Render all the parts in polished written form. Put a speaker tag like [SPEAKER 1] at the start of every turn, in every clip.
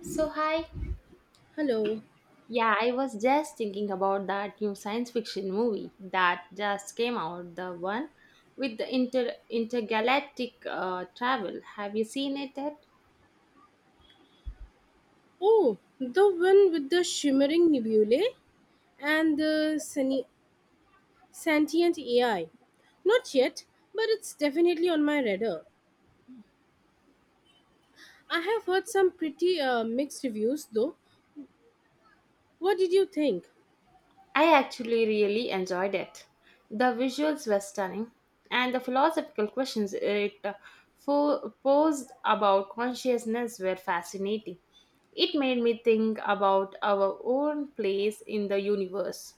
[SPEAKER 1] So, hi.
[SPEAKER 2] Hello.
[SPEAKER 1] Yeah, I was just thinking about that new science fiction movie that just came out, the one with the intergalactic travel. Have you seen it yet?
[SPEAKER 2] Oh, the one with the shimmering nebulae and the sentient AI. Not yet, but it's definitely on my radar. I have heard some pretty mixed reviews though. What did you think?
[SPEAKER 1] I actually really enjoyed it. The visuals were stunning, and the philosophical questions it posed about consciousness were fascinating. It made me think about our own place in the universe.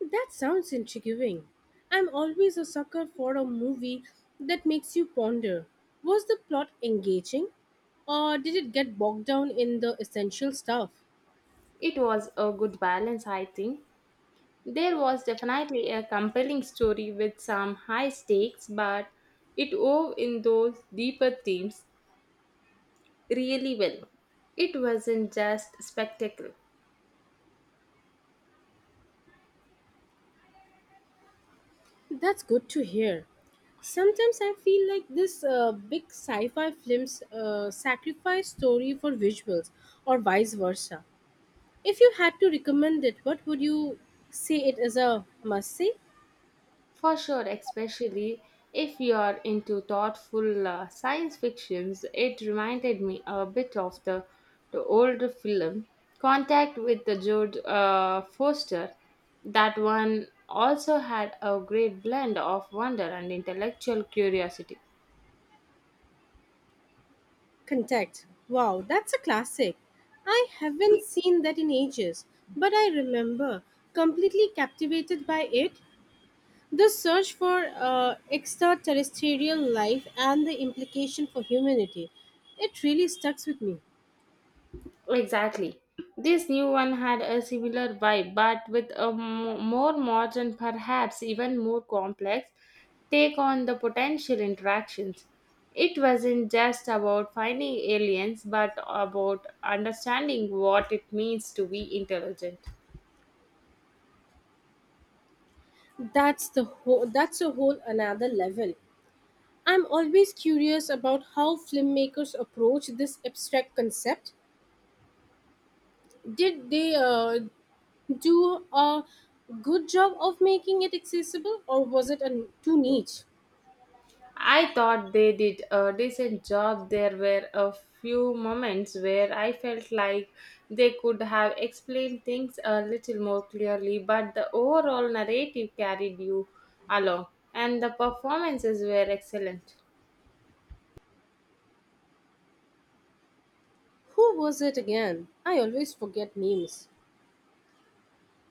[SPEAKER 2] That sounds intriguing. I'm always a sucker for a movie that makes you ponder. Was the plot engaging? Or did it get bogged down in the essential stuff?
[SPEAKER 1] It was a good balance, I think. There was definitely a compelling story with some high stakes, but it wove in those deeper themes really well. It wasn't just spectacle,
[SPEAKER 2] That's good to hear. Sometimes I feel like this big sci-fi films sacrifice story for visuals, or vice versa. If you had to recommend it, what would you say, it is a must-see?
[SPEAKER 1] for sure, especially if you're into thoughtful science fictions. It reminded me a bit of the older film Contact with the George Foster. That one also had a great blend of wonder and intellectual curiosity.
[SPEAKER 2] Contact. Wow, that's a classic. I haven't seen that in ages, but I remember completely captivated by it. The search for extraterrestrial life and the implication for humanity. It really stuck with me.
[SPEAKER 1] Exactly. This new one had a similar vibe, but with a more modern, perhaps even more complex take on the potential interactions. It wasn't just about finding aliens, but about understanding what it means to be intelligent.
[SPEAKER 2] That's a whole another level. I'm always curious about how filmmakers approach this abstract concept. Did they do a good job of making it accessible, or was it a, too niche?
[SPEAKER 1] I thought they did a decent job. There were a few moments where I felt like they could have explained things a little more clearly, but the overall narrative carried you along, and the performances were excellent.
[SPEAKER 2] Who was it again? I always forget names.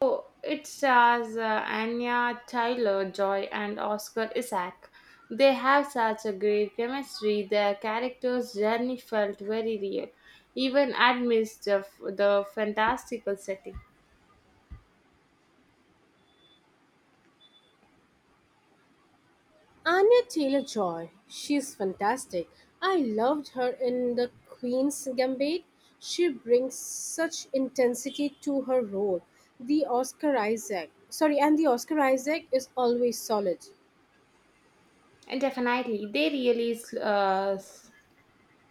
[SPEAKER 1] Oh, it stars Anya Tyler Joy and Oscar Isaac. They have such a great chemistry. Their characters' journey felt very real, even amidst the fantastical setting.
[SPEAKER 2] Anya Taylor-Joy, she's fantastic. I loved her in The Queen's Gambit. She brings such intensity to her role. The Oscar Isaac, sorry, and the Oscar Isaac is always solid.
[SPEAKER 1] And definitely, they really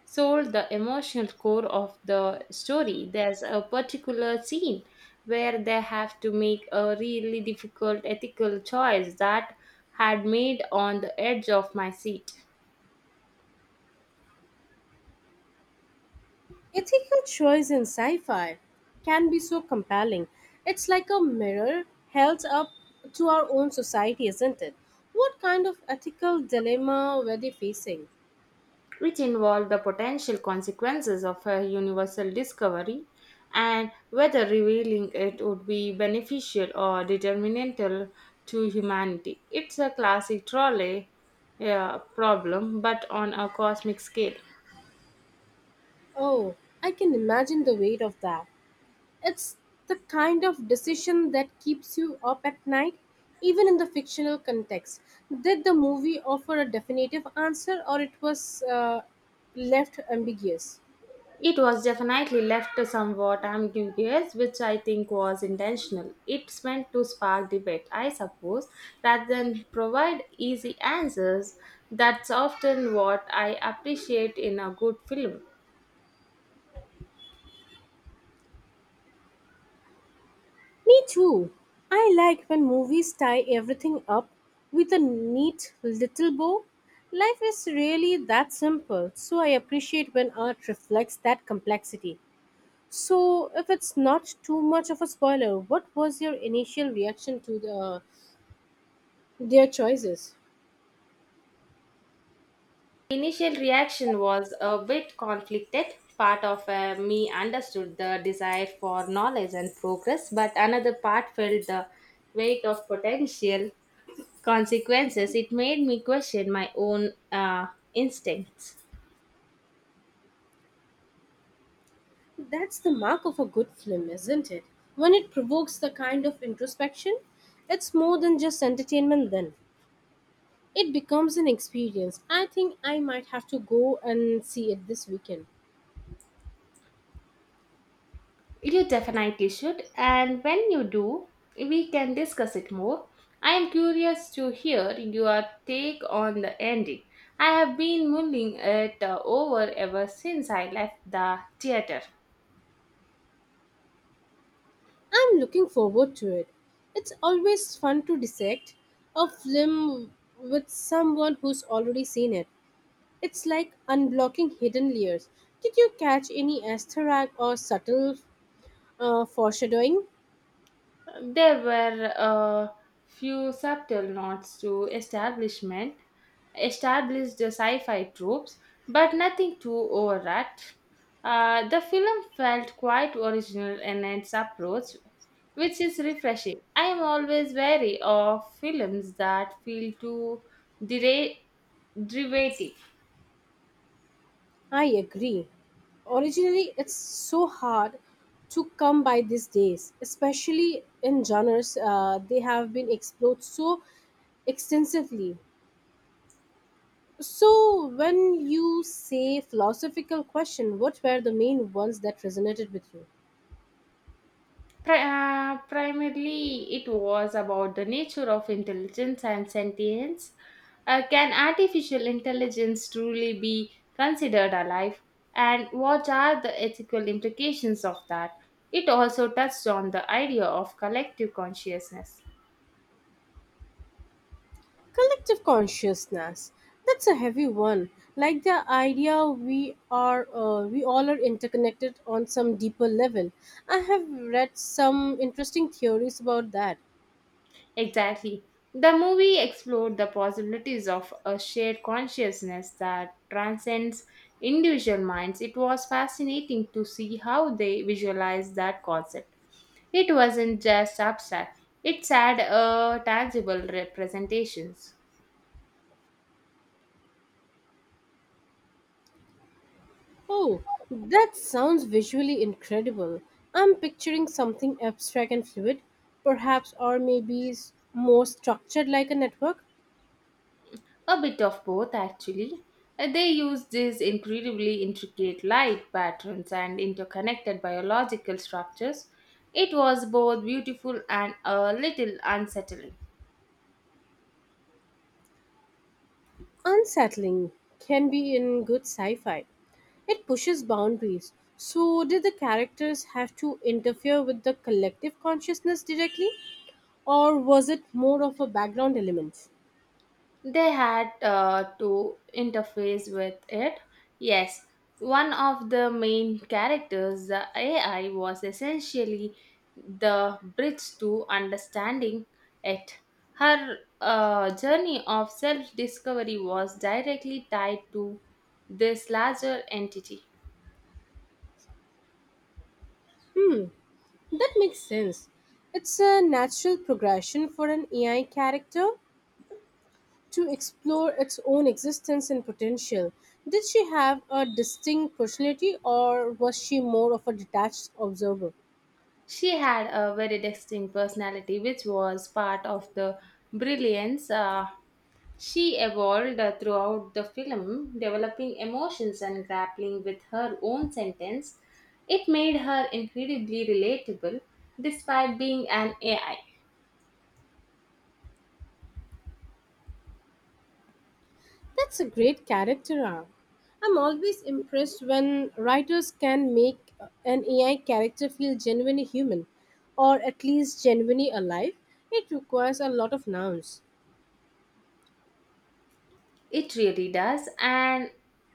[SPEAKER 1] sold the emotional core of the story. There's a particular scene where they have to make a really difficult ethical choice that had made on the edge of my seat,
[SPEAKER 2] Ethical choice in sci-fi can be so compelling. It's like a mirror held up to our own society, isn't it? What kind of ethical dilemma were they facing?
[SPEAKER 1] which involved the potential consequences of a universal discovery and whether revealing it would be beneficial or detrimental to humanity. It's a classic trolley problem, but on a cosmic scale.
[SPEAKER 2] Oh, I can imagine the weight of that. It's the kind of decision that keeps you up at night, even in the fictional context. Did the movie offer a definitive answer or it was left ambiguous?
[SPEAKER 1] It was definitely left somewhat ambiguous, which I think was intentional. It's meant to spark debate, I suppose, rather than provide easy answers. That's often what I appreciate in a good film.
[SPEAKER 2] Me too. I like when movies tie everything up with a neat little bow. Life is really that simple, so I appreciate when art reflects that complexity. So, if it's not too much of a spoiler, what was your initial reaction to the Their choices.
[SPEAKER 1] Initial reaction was a bit conflicted. Part of me understood the desire for knowledge and progress, but another part felt the weight of potential consequences. It made me question my own instincts.
[SPEAKER 2] That's the mark of a good film, isn't it? When it provokes the kind of introspection, it's more than just entertainment then. It becomes an experience. I think I might have to go and see it this weekend.
[SPEAKER 1] You definitely should, and when you do, we can discuss it more. I am curious to hear your take on the ending. I have been mulling it over ever since I left the theater.
[SPEAKER 2] I'm looking forward to it. It's always fun to dissect a film with someone who's already seen it. It's like unblocking hidden layers. Did you catch any asterisk or subtle foreshadowing?
[SPEAKER 1] There were a few subtle nods to established sci-fi tropes, but nothing too overwrought. The film felt quite original in its approach, which is refreshing. I am always wary of films that feel too dera- derivative.
[SPEAKER 2] I agree. Originally, it's so hard to come by these days, especially in genres they have been explored so extensively. So, when you say philosophical question, what were the main ones that resonated with you?
[SPEAKER 1] Primarily, it was about the nature of intelligence and sentience. Can artificial intelligence truly be considered alive? And what are the ethical implications of that? It also touched on the idea of collective consciousness.
[SPEAKER 2] Collective consciousness. That's a heavy one. Like the idea we all are interconnected on some deeper level. I have read some interesting theories about that.
[SPEAKER 1] Exactly. The movie explored the possibilities of a shared consciousness that transcends individual minds. It was fascinating to see how they visualized that concept. It wasn't just abstract, it had a tangible representations.
[SPEAKER 2] Oh, that sounds visually incredible. I'm picturing something abstract and fluid, perhaps, or maybe more structured like a network.
[SPEAKER 1] A bit of both, actually. They used these incredibly intricate light patterns and interconnected biological structures. It was both beautiful and a little unsettling.
[SPEAKER 2] Unsettling can be in good sci fi. It pushes boundaries. So, did the characters have to interfere with the collective consciousness directly, or was it more of a background element?
[SPEAKER 1] They had to interface with it. Yes, one of the main characters, the AI, was essentially the bridge to understanding it. Her journey of self discovery was directly tied to this larger entity.
[SPEAKER 2] That makes sense. It's a natural progression for an AI character to explore its own existence and potential. Did she have a distinct personality or was she more of a detached observer?
[SPEAKER 1] She had a very distinct personality, which was part of the brilliance. She evolved throughout the film, developing emotions and grappling with her own sentence. It made her incredibly relatable despite being an AI.
[SPEAKER 2] That's a great character arc. I'm always impressed when writers can make an AI character feel genuinely human or at least genuinely alive. It requires a lot of nouns.
[SPEAKER 1] It really does, and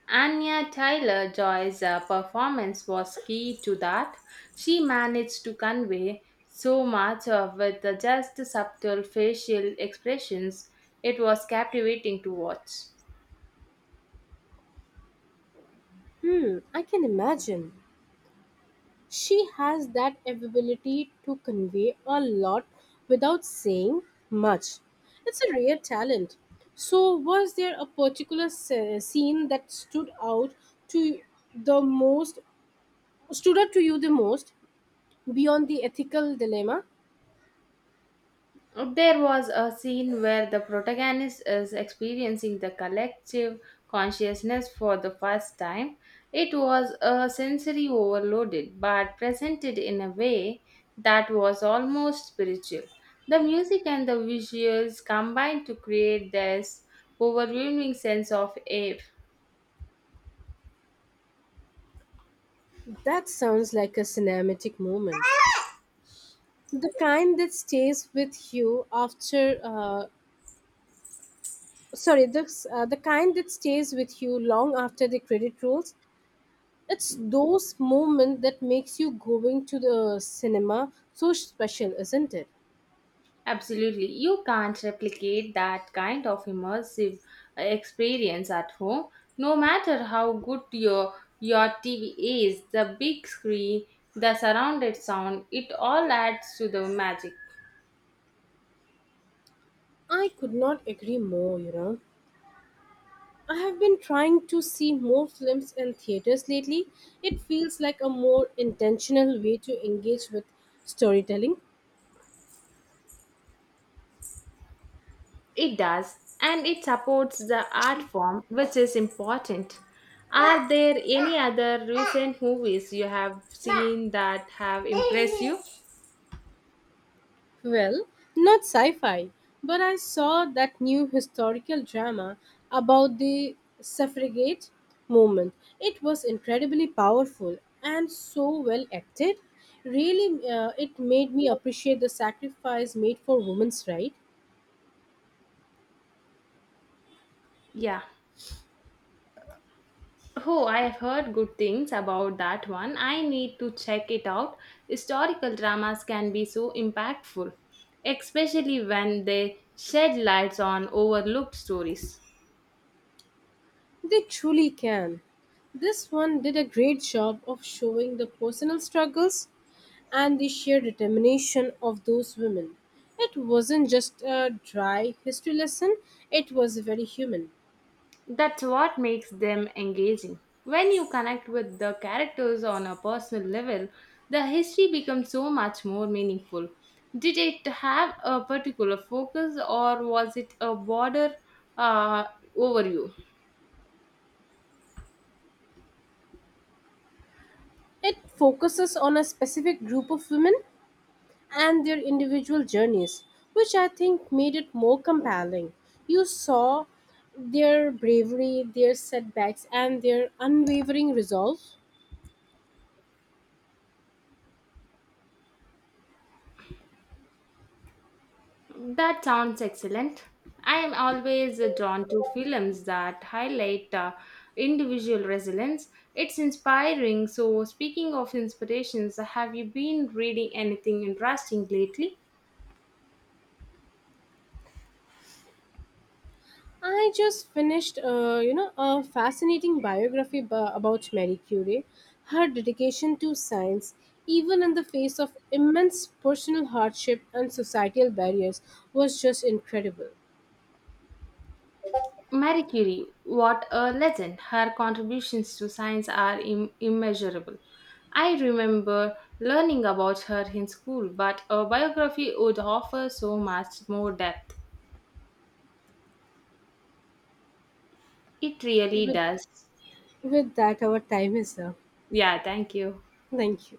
[SPEAKER 1] Anya Tyler Joy's performance was key to that. She managed to convey so much of with just subtle facial expressions. It was captivating to watch.
[SPEAKER 2] Hmm, I can imagine. She has that ability to convey a lot without saying much. It's a rare talent. So, was there a particular scene that stood out to the most, stood out to you the most, beyond the ethical dilemma?
[SPEAKER 1] There was a scene where the protagonist is experiencing the collective consciousness for the first time. It was a sensory overloaded, but presented in a way that was almost spiritual. The music and the visuals combined to create this overwhelming sense of awe.
[SPEAKER 2] That sounds like a cinematic moment. The kind that stays with you after, sorry, the, The kind that stays with you long after the credit rolls. It's those moments that makes you going to the cinema so special, isn't it?
[SPEAKER 1] Absolutely. You can't replicate that kind of immersive experience at home. No matter how good your TV is, the big screen, the surrounded sound, it all adds to the magic.
[SPEAKER 2] I could not agree more, you know. I have been trying to see more films in theaters lately. It feels like a more intentional way to engage with storytelling.
[SPEAKER 1] It does, and it supports the art form, which is important. Are there any other recent movies you have seen that have impressed you?
[SPEAKER 2] Well, not sci fi, but I saw that new historical drama about the suffragette movement. It was incredibly powerful and so well acted. Really, it made me appreciate the sacrifice made for women's rights.
[SPEAKER 1] Yeah. Oh, I have heard good things about that one. I need to check it out. Historical dramas can be so impactful, especially when they shed lights on overlooked stories.
[SPEAKER 2] They truly can. This one did a great job of showing the personal struggles and the sheer determination of those women. It wasn't just a dry history lesson, it was very human.
[SPEAKER 1] That's what makes them engaging. When you connect with the characters on a personal level, the history becomes so much more meaningful. Did it have a particular focus or was it a broader uh, overview?
[SPEAKER 2] It focuses on a specific group of women and their individual journeys, which I think made it more compelling. You saw their bravery, their setbacks, and their unwavering resolve.
[SPEAKER 1] That sounds excellent. I am always drawn to films that highlight individual resilience. It's inspiring. So, speaking of inspirations, have you been reading anything interesting lately?
[SPEAKER 2] I just finished, a fascinating biography about Marie Curie. Her dedication to science, even in the face of immense personal hardship and societal barriers, was just incredible.
[SPEAKER 1] Marie Curie, what a legend. Her contributions to science are immeasurable. I remember learning about her in school, but a biography would offer so much more depth. It really
[SPEAKER 2] With,
[SPEAKER 1] does.
[SPEAKER 2] with that, our time is up.
[SPEAKER 1] Yeah, thank you.
[SPEAKER 2] Thank you.